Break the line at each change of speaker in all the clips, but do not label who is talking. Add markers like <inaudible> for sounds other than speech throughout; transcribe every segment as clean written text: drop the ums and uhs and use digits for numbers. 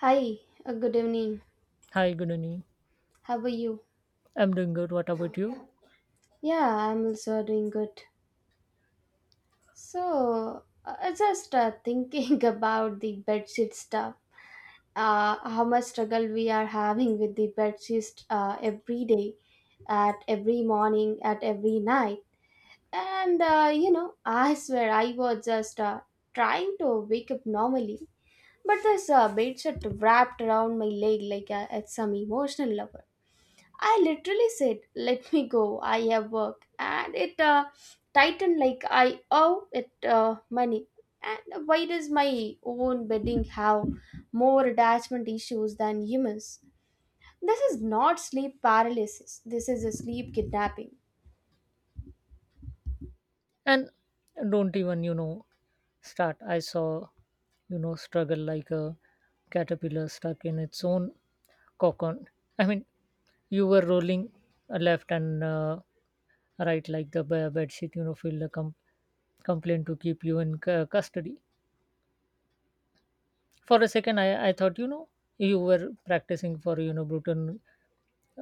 Hi, good evening.
Hi, Gunani.
How are you?
I'm doing good. What about you?
Yeah, I'm also doing good. So, just thinking <laughs> about the bedsheet stuff. How much struggle we are having with the bedsheet, every day, at every morning, at every night. I swear I was just trying to wake up normally, but this bedsheet wrapped around my leg like it's some emotional lover. I literally said, "Let me go. I have work," and it tightened like I owe it money. And why does my own bedding have more attachment issues than humans? This is not sleep paralysis. This is a sleep kidnapping.
And don't even, you know, start. I saw, you know, struggle like a caterpillar stuck in its own cocoon. I mean, you were rolling left and right like the bed sheet, you know, filled a complaint to keep you in custody. For a second, I thought, you know, you were practicing for, you know, Bruton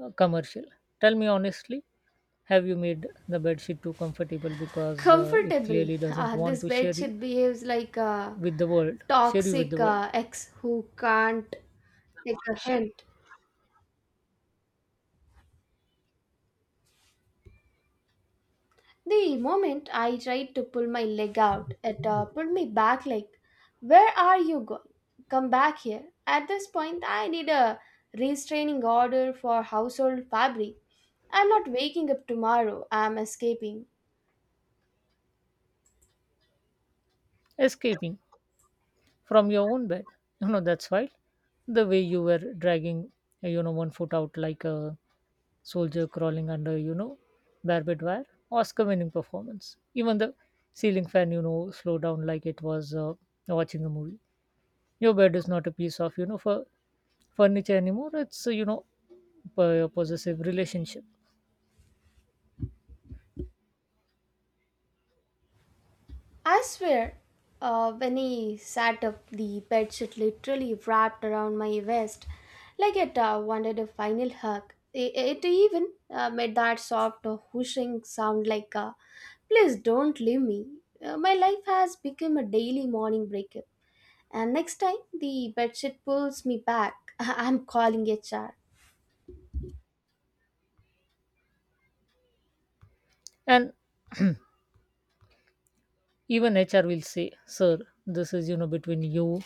commercial. Tell me honestly, have you made the bedsheet too comfortable because it
Comfortable.
clearly doesn't want
This
to share
bed
you
sheet behaves like a
with the world, share you with the
toxic
world,
ex who can't take a hint. The moment I tried to pull my leg out, it pulled me back like, "Where are you going? Come back here." At this point, I need a restraining order for household fabric. I'm not waking up tomorrow, I'm escaping.
escaping from your own bed. You know, that's why the way you were dragging, you know, one foot out like a soldier crawling under, you know, barbed wire, Oscar winning performance. Even the ceiling fan, you know, slowed down like it was watching a movie. Your bed is not a piece of, you know, for furniture anymore. It's you know, possessive relationship.
I swear, when he sat up, the bedsheet literally wrapped around my waist like it wanted a final hug. It even made that soft whooshing sound like, please don't leave me. My life has become a daily morning breakup. And next time the bedsheet pulls me back, <laughs> I'm calling HR.
And even HR will say, sir, this is, you know, between you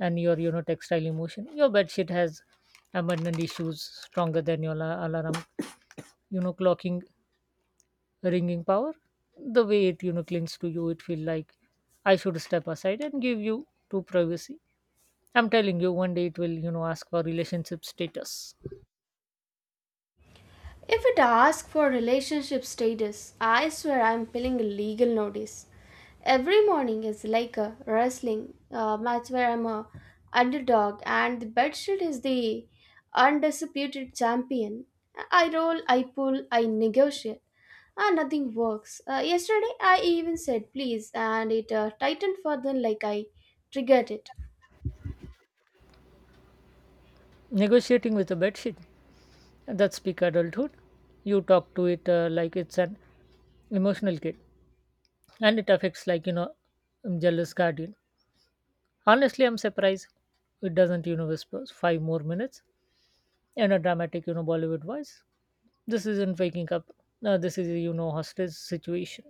and your, you know, textile emotion. Your bed sheet has abundant issues, stronger than your alarm, you know, clocking ringing power. The way it, you know, clings to you, it feel like I should step aside and give you to privacy. I'm telling you, one day it will, you know, ask for relationship status.
If it asks for relationship status, I swear I'm filling a legal notice. Every morning is like a wrestling match where I'm a underdog and the bedsheet is the undisputed champion. I roll, I pull, I negotiate, and nothing works. Yesterday I even said please, and it tightened further like I triggered it.
Negotiating with a bed sheet, that's peak adulthood. You talk to it like it's an emotional kid, and it affects like, you know, jealous guardian. Honestly, I'm surprised it doesn't, you know, whispers five more minutes in a dramatic, you know, Bollywood voice. This isn't waking up. This is a, you know, hostage situation.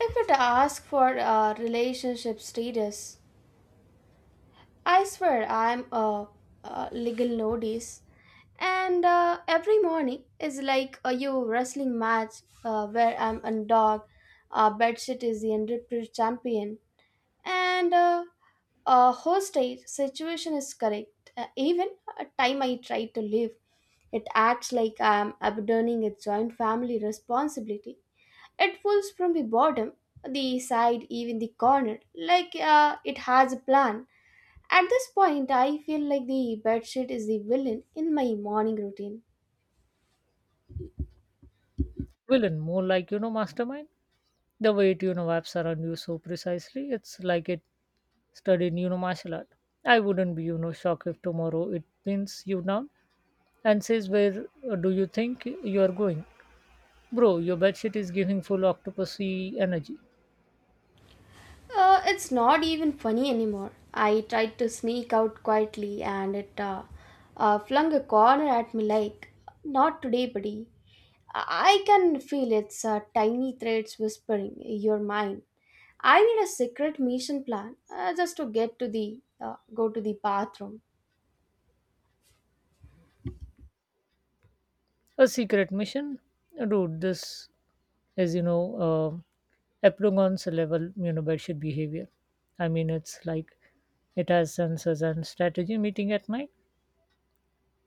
If it asks for relationship status, I swear a legal notice, and every morning is like a you wrestling match where I'm a dog, bedsheet is the undisputed champion, and a hostage situation is correct. Even a time I try to live, it acts like I'm abandoning its joint family responsibility. It pulls from the bottom, the side, even the corner, like it has a plan. At this point, I feel like the bedsheet is the villain in my morning routine.
Villain, more like, you know, mastermind. The way it, you know, wraps around you so precisely, it's like it studied, you know, martial art. I wouldn't be, you know, shocked if tomorrow it pins you down and says, where do you think you are going? Bro, your bedsheet is giving full octopusy energy.
It's not even funny anymore. I tried to sneak out quietly and it flung a corner at me like, "Not today, buddy." I can feel its tiny threads whispering, "You're mine." I need a secret mission plan just to get to the go to the bathroom.
A secret mission? Dude, this is, you know, Epsilon's level, you know, bedsheet behavior. I mean, it's like it has sensors and strategy meeting at night.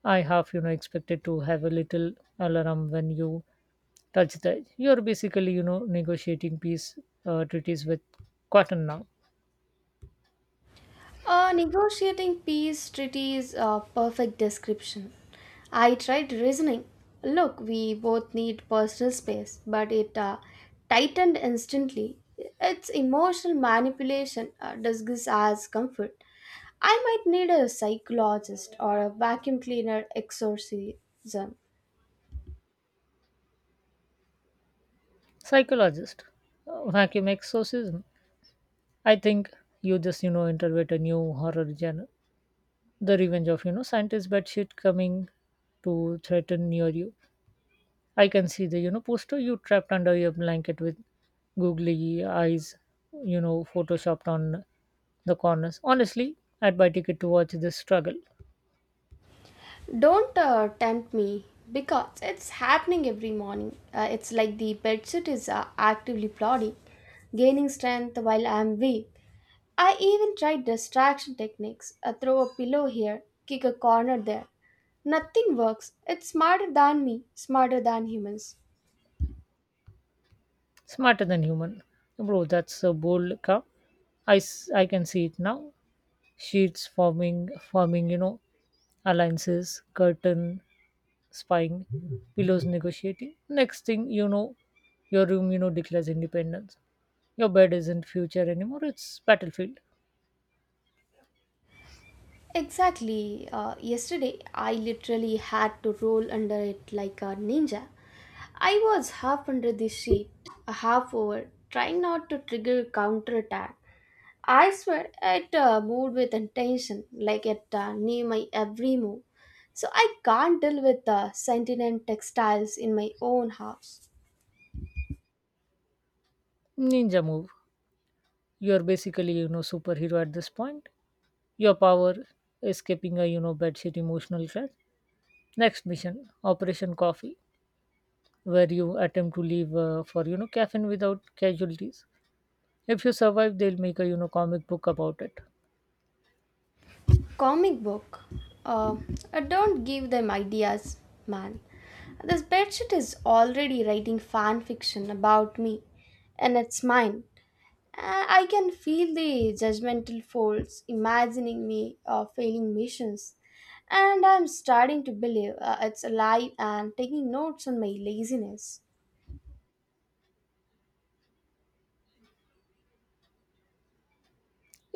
I half, you know, expected to have a little alarm when you touch the edge. You're basically, you know, negotiating peace treaties with cotton now.
Negotiating peace treaty is a perfect description. I tried reasoning. Look, we both need personal space, but it tightened instantly. It's emotional manipulation disguised as comfort. I might need a psychologist or a vacuum cleaner exorcism.
Psychologist, vacuum exorcism. I think you just, you know, interpret a new horror genre, the revenge of, you know, scientist bedsheet coming to threaten near you. I can see the, you know, poster, you trapped under your blanket with googly eyes, you know, photoshopped on the corners. Honestly, I'd buy ticket to watch this struggle.
Don't tempt me because it's happening every morning. It's like the bedsheet is actively plodding, gaining strength while I'm weak. I even tried distraction techniques. I throw a pillow here, kick a corner there. Nothing works. It's smarter than me, smarter than humans.
Smarter than human, bro. That's a bold cup. I can see it now. Sheets forming, you know, alliances, curtain spying, pillows negotiating. Next thing you know, your room, you know, declares independence. Your bed isn't future anymore, it's battlefield.
Exactly. Yesterday, I literally had to roll under it like a ninja. I was half under the sheet, half over, trying not to trigger counterattack. I swear, it moved with intention, like it knew my every move. So I can't deal with the sentient textiles in my own house.
Ninja move. You're basically, you know, superhero at this point. Your power escaping a, you know, bedsheet emotional crash. Next mission, Operation Coffee, where you attempt to leave for, you know, caffeine without casualties. If you survive, they'll make a, you know, comic book about it.
Comic book. Uh, don't give them ideas, man. This bedsheet is already writing fan fiction about me, and it's mine. I can feel the judgmental folds imagining me failing missions, and I'm starting to believe it's alive and taking notes on my laziness.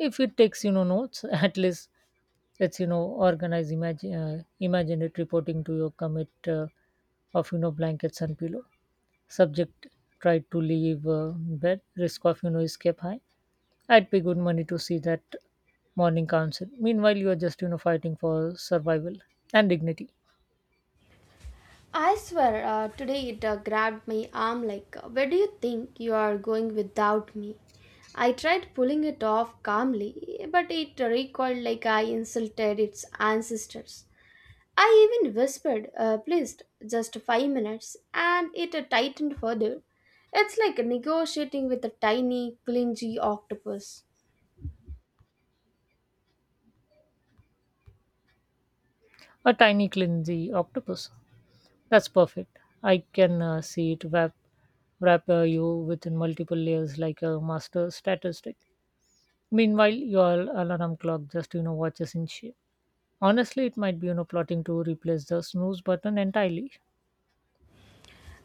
If it takes, you know, notes <laughs> at least, let's, you know, organize. Imagine imagine it reporting to your commit of, you know, blankets and pillow. Subject tried to leave bed, risk of, you know, escape high. I'd pay good money to see that morning council. Meanwhile, you are just, you know, fighting for survival and dignity.
I swear, today it grabbed my arm like, "Where do you think you are going without me?" I tried pulling it off calmly, but it recoiled like I insulted its ancestors. I even whispered, "Please, just 5 minutes," and it tightened further. It's like negotiating with a tiny, clingy octopus.
A tiny cleansy octopus, that's perfect. I can see it wrap you within multiple layers like a master statist. Meanwhile, your alarm clock just, you know, watches in shape. Honestly, it might be, you know, plotting to replace the snooze button entirely,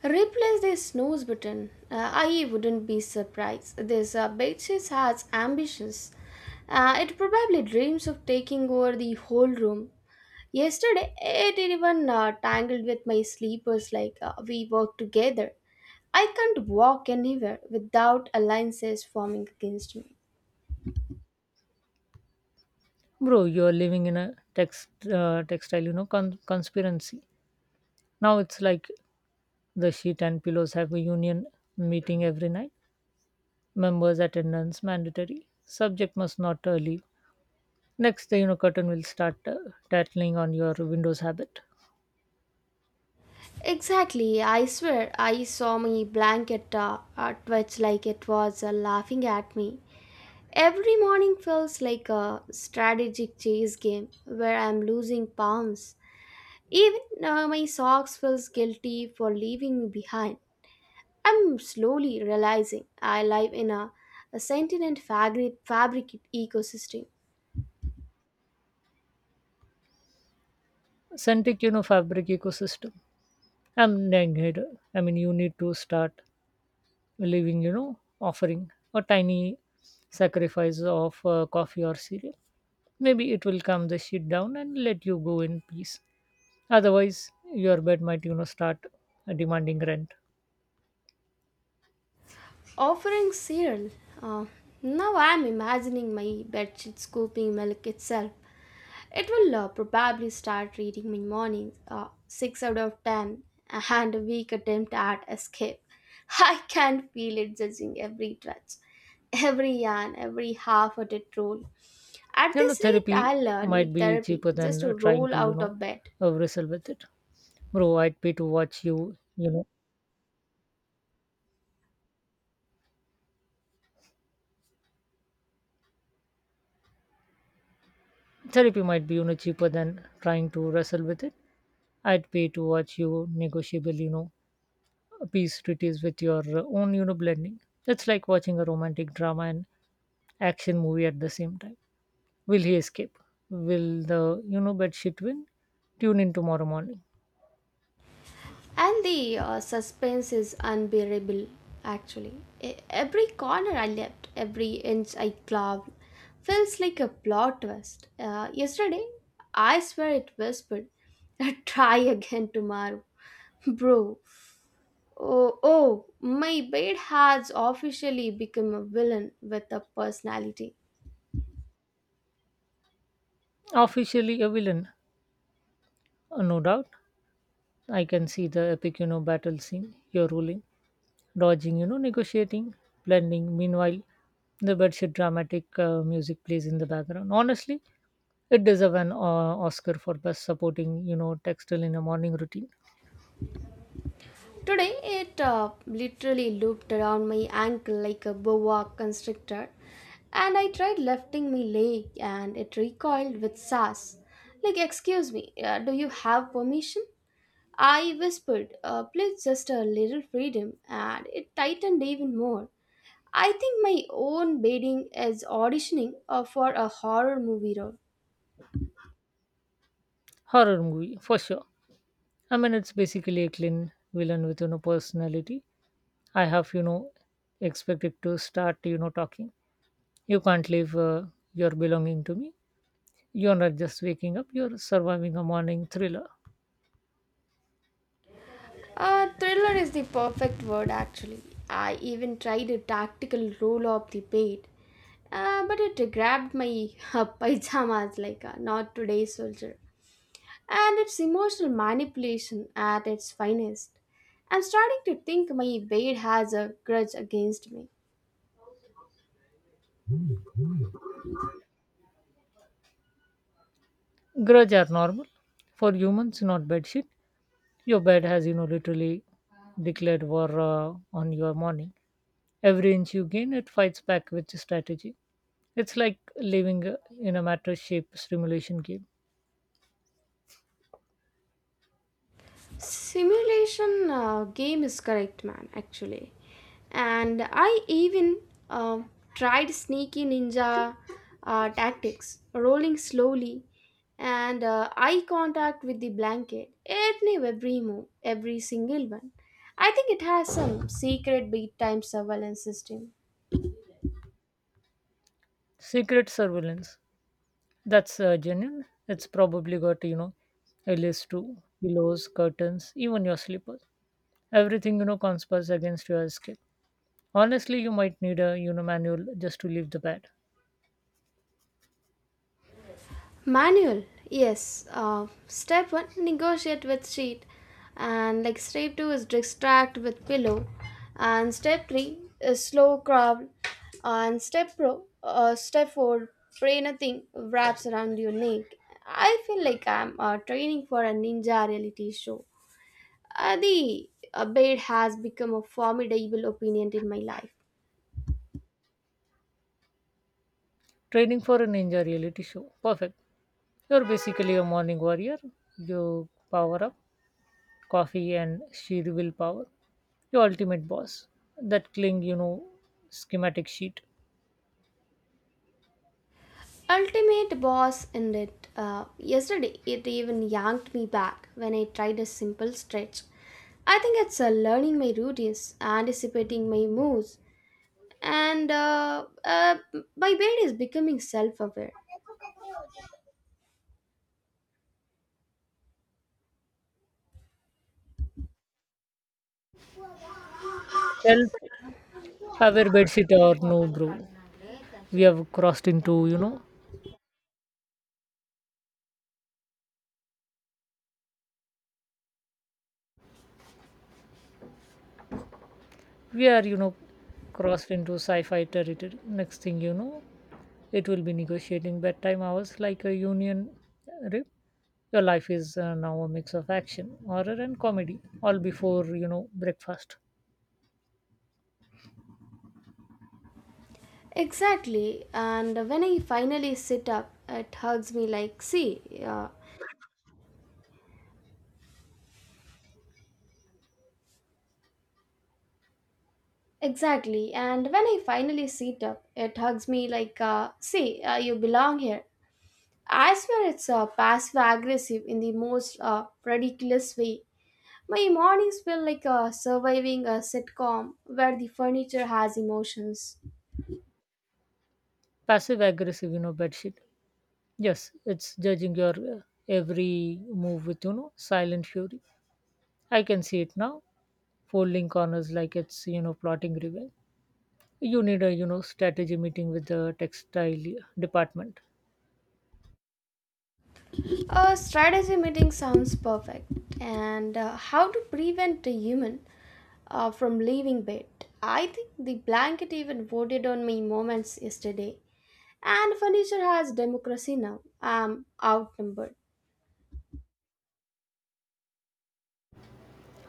Replace this snooze button. I wouldn't be surprised. This Betches has ambitions. It probably dreams of taking over the whole room. Yesterday, it even tangled with my sleepers like we work together. I can't walk anywhere without alliances forming against me.
bro. You're living in a textile, you know, conspiracy. Now it's like the sheet and pillows have a union meeting every night. Members attendance mandatory. Subject must not leave. Next, the, you know, curtain will start tattling on your Windows habit.
Exactly, I swear I saw my blanket twitch like it was laughing at me. Every morning feels like a strategic chase game where I'm losing pounds. Even my socks feels guilty for leaving me behind. I'm slowly realizing I live in a sentient fabric ecosystem.
Centric, you know, fabric ecosystem. I'm neg- I mean, you need to start living, you know, offering a tiny sacrifice of coffee or cereal. Maybe it will calm the shit down and let you go in peace. Otherwise, your bed might, you know, start demanding rent.
Offering cereal. Uh, Now I'm imagining my bedsheet scooping milk itself. It will probably start reading me mornings, 6 out of 10, and a weak attempt at escape. <laughs> I can feel it judging every touch, every yarn, every half hearted roll. At
You know,
this rate,
therapy
I'll
might
need
be
therapy
cheaper
just
than
to
trying
roll
to, you
out
know,
of bed.
wrestle with it. Bro, I'd pay to watch you, you know. Therapy might be, you know, cheaper than trying to wrestle with it. I'd pay to watch you negotiable, you know, peace treaties with your own, you know, blending. It's like watching a romantic drama and action movie at the same time. Will he escape? Will the, you know, bed shit win? Tune in tomorrow morning.
And the suspense is unbearable, actually. Every corner I left, every inch I clawed, feels like a plot twist. Yesterday, I swear it whispered, <laughs> try again tomorrow. Bro, oh, my bed has officially become a villain with a personality.
Officially a villain, no doubt. I can see the epic, you know, battle scene, you're ruling, dodging, you know, negotiating, blending. Meanwhile, the bedsheet dramatic music plays in the background. Honestly, it deserves an Oscar for best supporting, you know, textile in a morning routine.
Today, it literally looped around my ankle like a boa constrictor, and I tried lifting my leg, and it recoiled with sass. Like, excuse me, do you have permission? I whispered, please just a little freedom, and it tightened even more. I think my own bedding is auditioning for a horror movie role.
Horror movie for sure. I mean, it's basically a clean villain with, you know, personality. I have, you know, expected to start, you know, talking. You can't leave your belonging to me. You're not just waking up. You're surviving a morning thriller.
Thriller is the perfect word, actually. I even tried a tactical roll of the bed, but it grabbed my <laughs> pajamas like a not today's soldier. And it's emotional manipulation at its finest. I'm starting to think my bed has a grudge against me.
Grudge are normal for humans, not bad shit. Your bed has, you know, literally declared war on your morning. Every inch you gain, it fights back with strategy. It's like living in a mattress-shaped simulation game.
Simulation game is correct man actually, and I even uh, tried sneaky ninja tactics, rolling slowly and eye contact with the blanket every move, every single one. I think it has some secret bedtime surveillance system.
Secret surveillance. That's genuine. It's probably got, you know, a list too, pillows, curtains, even your slippers. Everything, you know, conspires against your escape. Honestly, you might need a, you know, manual just to leave the bed.
Manual, yes. Step one, negotiate with sheet, and like step two is distract with pillow, and step three is slow crawl, and step four, pray nothing wraps around your neck. I feel like I'm training for a ninja reality show. The bed has become a formidable opponent in my life.
Training for a ninja reality show. Perfect. You're basically a morning warrior. You power up, coffee and sheer willpower. Your ultimate boss. That cling, you know, schematic sheet.
Ultimate Boss ended yesterday. It even yanked me back when I tried a simple stretch. I think it's learning my routines, anticipating my moves, and my brain is becoming self aware.
Self-aware bedsheet or no, bro. We have crossed into, you know, we are, you know, crossed into sci-fi territory. Next thing you know, it will be negotiating bedtime hours like a union. Rip. Your life is now a mix of action, horror and comedy all before, you know, breakfast.
Exactly, and when I finally sit up, it hugs me like, see, exactly, and when I finally sit up, it hugs me like, see, you belong here. I swear it's passive aggressive in the most ridiculous way. My mornings feel like surviving a sitcom where the furniture has emotions.
Passive aggressive, you know, bedsheet. Yes, it's judging your every move with, you know, silent fury. I can see it now, folding corners like it's, you know, plotting revenge. You need a, you know, strategy meeting with the textile department.
A strategy meeting sounds perfect, and how to prevent a human from leaving bed. I think the blanket even voted on my moments yesterday, and furniture has democracy now. I'm outnumbered.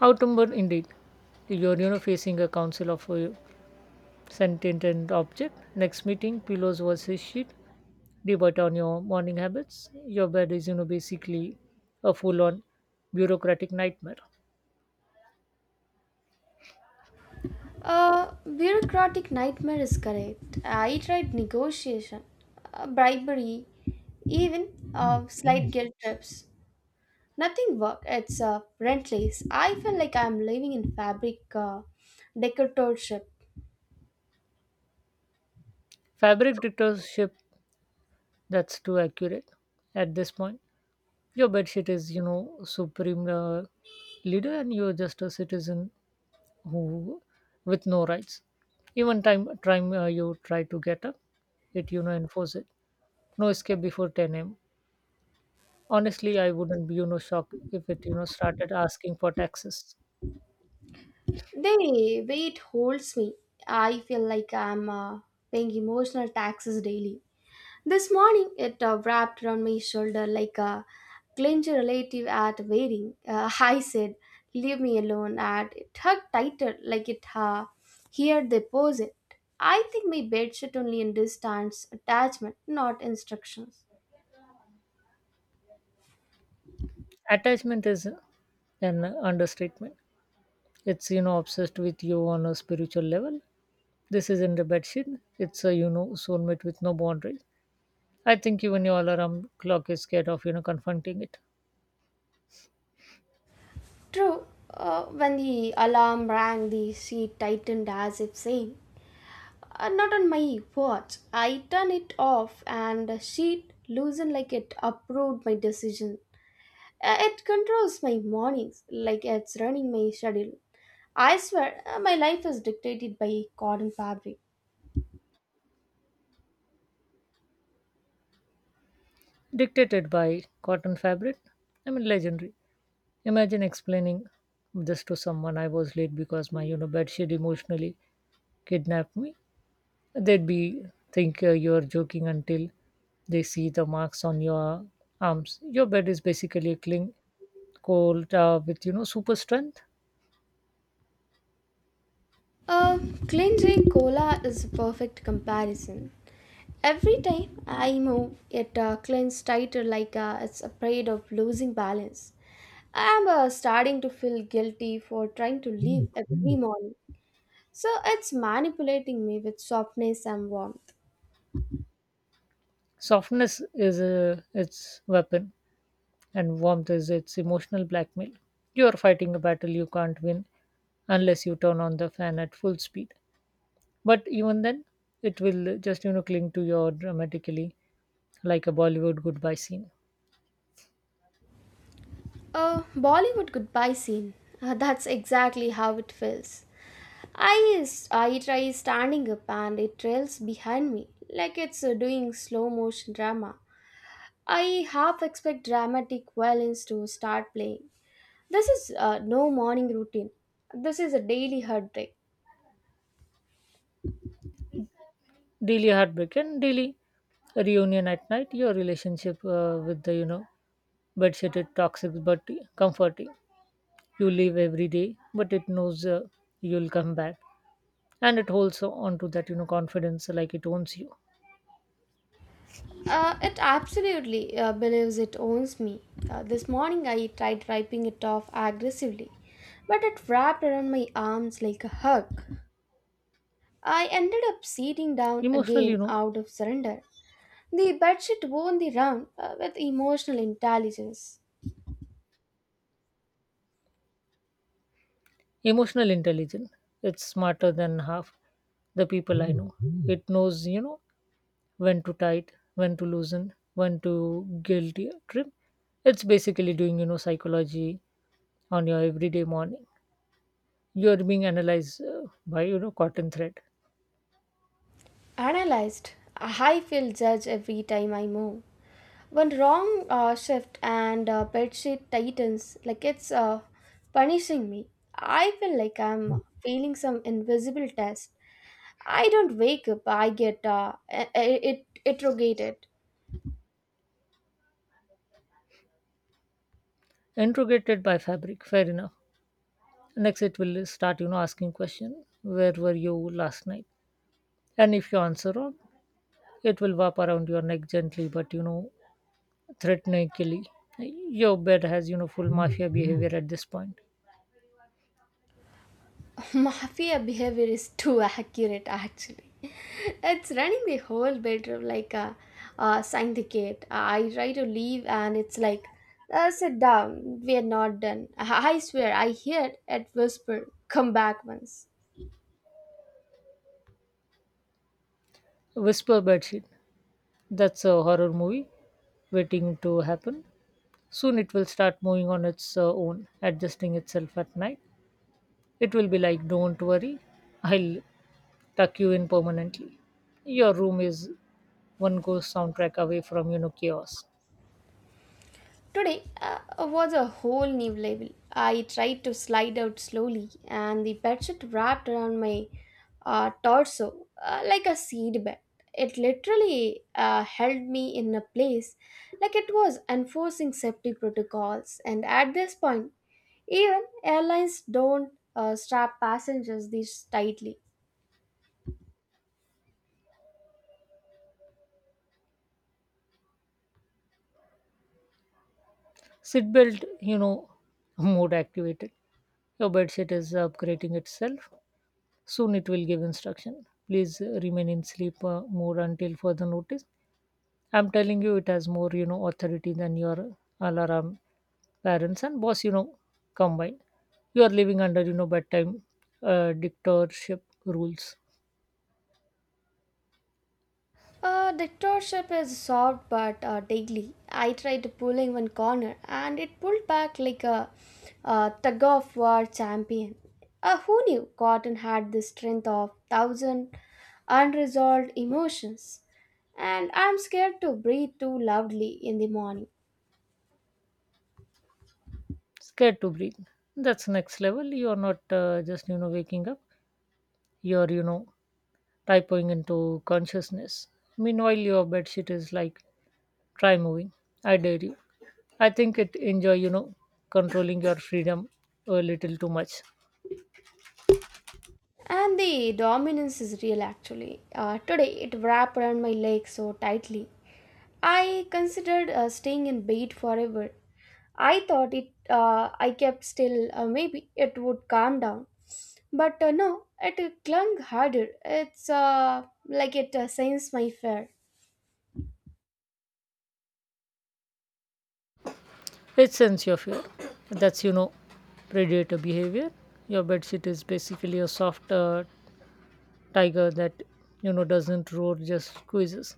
Outnumbered indeed. You're, you know, facing a council of sentient and object. Next meeting, pillows versus sheet. Debate on your morning habits. Your bed is, you know, basically a full-on bureaucratic nightmare.
Bureaucratic nightmare is correct. I tried negotiation, bribery, even slight guilt trips. Nothing worked. It's rentless. I feel like I'm living in fabric decoratorship.
Fabric dictatorship. That's too accurate at this point. Your bedsheet is, you know, supreme leader, and you're just a citizen who with no rights. Even time you try to get up, it, you know, enforce it. No escape before 10 a.m. Honestly, I wouldn't be, you know, shocked if it, you know, started asking for taxes.
The weight holds me. I feel like I'm paying emotional taxes daily. This morning it wrapped around my shoulder like a clinched relative at wedding. <laughs> I said, "Leave me alone," and it hugged tighter like it heard the posit. I think my bed sheet only understands attachment, not instructions.
Attachment is an understatement. It's, you know, obsessed with you on a spiritual level. This isn't a bad shit. It's a, you know, soulmate with no boundaries. I think even your alarm clock is scared of, you know, confronting it.
True. When the alarm rang, the sheet tightened as if saying, "Not on my watch." I turned it off, and the sheet loosened like it approved my decision. It controls my mornings like it's running my schedule. I swear, my life is dictated by cotton fabric.
Dictated by cotton fabric. I mean, legendary. Imagine explaining this to someone, I was late because my, you know, bedsheet emotionally kidnapped me. They'd be think you're joking until they see the marks on your arms. Your bed is basically a cling cold with, you know, super strength.
Uh, Cleansing Cola is a perfect comparison. Every time I move, it clings tighter like it's afraid of losing balance. I'm starting to feel guilty for trying to leave every morning. So it's manipulating me with softness and warmth.
Softness is its weapon, and warmth is its emotional blackmail. You are fighting a battle you can't win unless you turn on the fan at full speed. But even then, it will just, you know, cling to you dramatically like a Bollywood goodbye scene.
A Bollywood goodbye scene. That's exactly how it feels. I try standing up and it trails behind me like it's doing slow motion drama. I half expect dramatic violins to start playing. This is no morning routine. This is a daily heartbreak.
Daily heartbreak and daily reunion at night. Your relationship with the, you know, bedshitted toxic but comforting. You leave every day but it knows you'll come back, and it holds on to that, you know, confidence like it owns you.
It absolutely believes it owns me. This morning I tried wiping it off aggressively, but it wrapped around my arms like a hug. I ended up sitting down
Emotional, you
again
know,
out of surrender. The bedsheet won the round with emotional intelligence.
emotional intelligence. It's smarter than half the people I know. It knows, you know, when to tight, when to loosen, when to guilty trip. It's basically doing, you know, psychology on your everyday morning. You are being analyzed by, you know, cotton thread.
Analyzed, I feel judged every time I move. One wrong shift and bedsheet tightens like it's punishing me. I feel like I'm failing some invisible test. I don't wake up, I get it interrogated.
Interrogated by fabric, fair enough. Next it will start, you know, asking question, where were you last night? And if you answer wrong, it will wrap around your neck gently but, you know, threateningly. Your bed has, you know, full mafia behavior at this point.
<laughs> Mafia behavior is too accurate, actually. It's running the whole bedroom like a syndicate. I try to leave, and it's like, sit down, we're not done. I swear, I heard it whisper, come back once.
Whisper bedsheet, that's a horror movie waiting to happen. Soon it will start moving on its own, adjusting itself at night. It will be like, don't worry, I'll tuck you in permanently. Your room is one ghost soundtrack away from, you know, chaos.
Today was a whole new level. I tried to slide out slowly, and the bedsheet wrapped around my torso like a seed bed. It literally held me in a place like it was enforcing safety protocols. And at this point, even airlines don't strap passengers this tightly.
Seatbelt, you know, <laughs> mode activated. Your bedsheet is upgrading itself. Soon it will give instruction. Please remain in sleep mode until further notice. I'm telling you, it has more, you know, authority than your alarm, parents and boss, you know, combined. You are living under, you know, bedtime dictatorship rules.
Dictatorship is soft but deadly. I tried to pull in one corner and it pulled back like a tug of war champion. Who knew Cotton had the strength of thousand unresolved emotions? And I'm scared to breathe too loudly in the morning.
Scared to breathe, that's next level. You're not just, you know, waking up, you're, you know, typing into consciousness. Meanwhile your bedsheet is like, try moving, I dare you. I think it enjoy, you know, controlling your freedom a little too much.
And the dominance is real actually. Today it wrapped around my leg so tightly. I considered staying in bed forever. I kept still maybe it would calm down. But no, it clung harder. It's like it sensed my fear.
It sends your fear, that's, you know, predator behavior. Your bedsheet is basically a soft tiger that, you know, doesn't roar, just squeezes.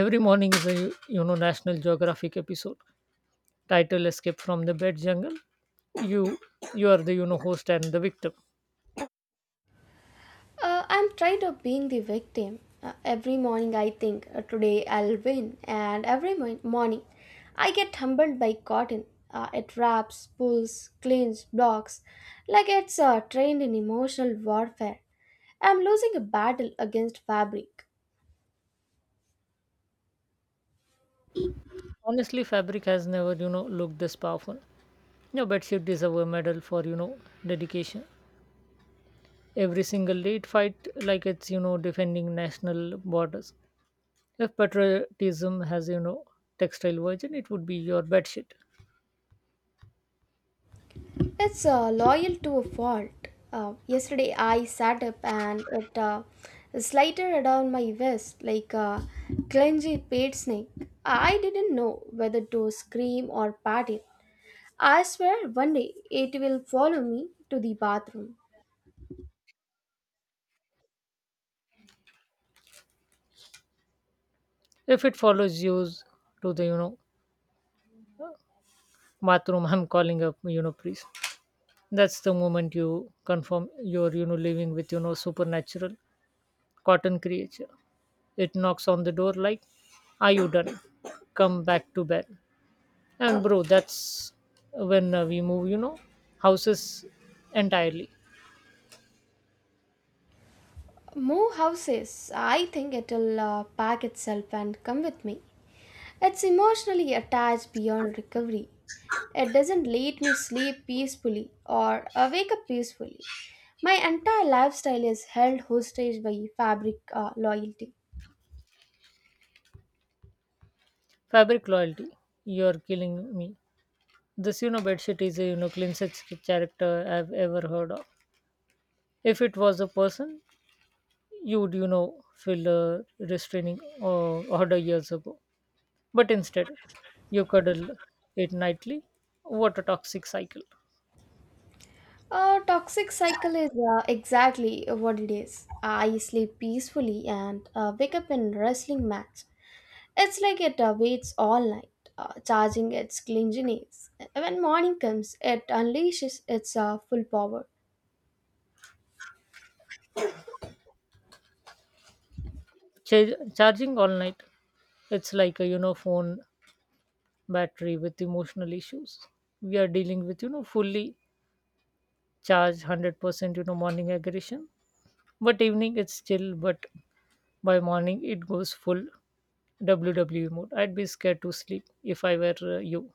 Every morning is a, you know, National Geographic episode. Title, Escape from the Bed Jungle, you you are the, you know, host and the victim.
I'm tired of being the victim. Every morning I think, today I'll win, and every morning I get humbled by cotton. It wraps, pulls, cleans, blocks, like it's trained in emotional warfare. I'm losing a battle against fabric.
Honestly, fabric has never, you know, looked this powerful. Your bedsheet deserve a medal for, you know, dedication. Every single day it fight like it's, you know, defending national borders. If patriotism has, you know, textile version, it would be your bedsheet.
It's loyal to a fault. Yesterday I sat up and it slithered down my vest like a clumsy paid snake. I didn't know whether to scream or pat it. I swear one day it will follow me to the bathroom.
If it follows you to the, you know, bathroom, <laughs> I'm calling up, you know, priest. That's the moment you confirm you're, you know, living with, you know, supernatural cotton creature. It knocks on the door like, are you done? Come back to bed. And bro, that's when we move, you know, houses entirely.
Move houses. I think it'll pack itself and come with me. It's emotionally attached beyond recovery. It doesn't let me sleep peacefully or wake up peacefully. My entire lifestyle is held hostage by fabric loyalty.
Fabric loyalty, you're killing me. This, you know, bedsheet is a, you know, cleansest character I've ever heard of. If it was a person, you would, you know, fill a restraining order years ago. But instead, you cuddle it nightly. What a toxic cycle.
A toxic cycle is exactly what it is. I sleep peacefully and wake up in wrestling match. It's like it waits all night, charging its clinginess. When morning comes, it unleashes its full power.
Charging all night. It's like a, you know, phone battery with emotional issues. We are dealing with, you know, fully charged 100%, you know, morning aggression. But evening it's chill, but by morning it goes full WWE mode. I'd be scared to sleep if I were you.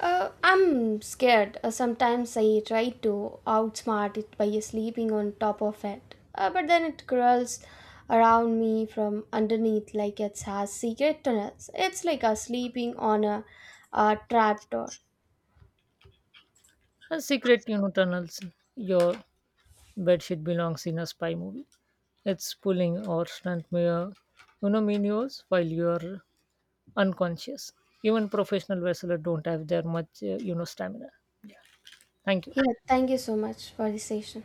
I'm scared. Sometimes I try to outsmart it by sleeping on top of it. But then it crawls around me from underneath like it has secret tunnels. It's like a sleeping on a trapdoor.
A secret, you know, tunnels. Your bedsheet belongs in a spy movie. It's pulling or stunt mirror, you know, minions while you're unconscious. Even professional wrestlers don't have their much, you know, stamina. Thank you.
Yeah, thank you so much for the session.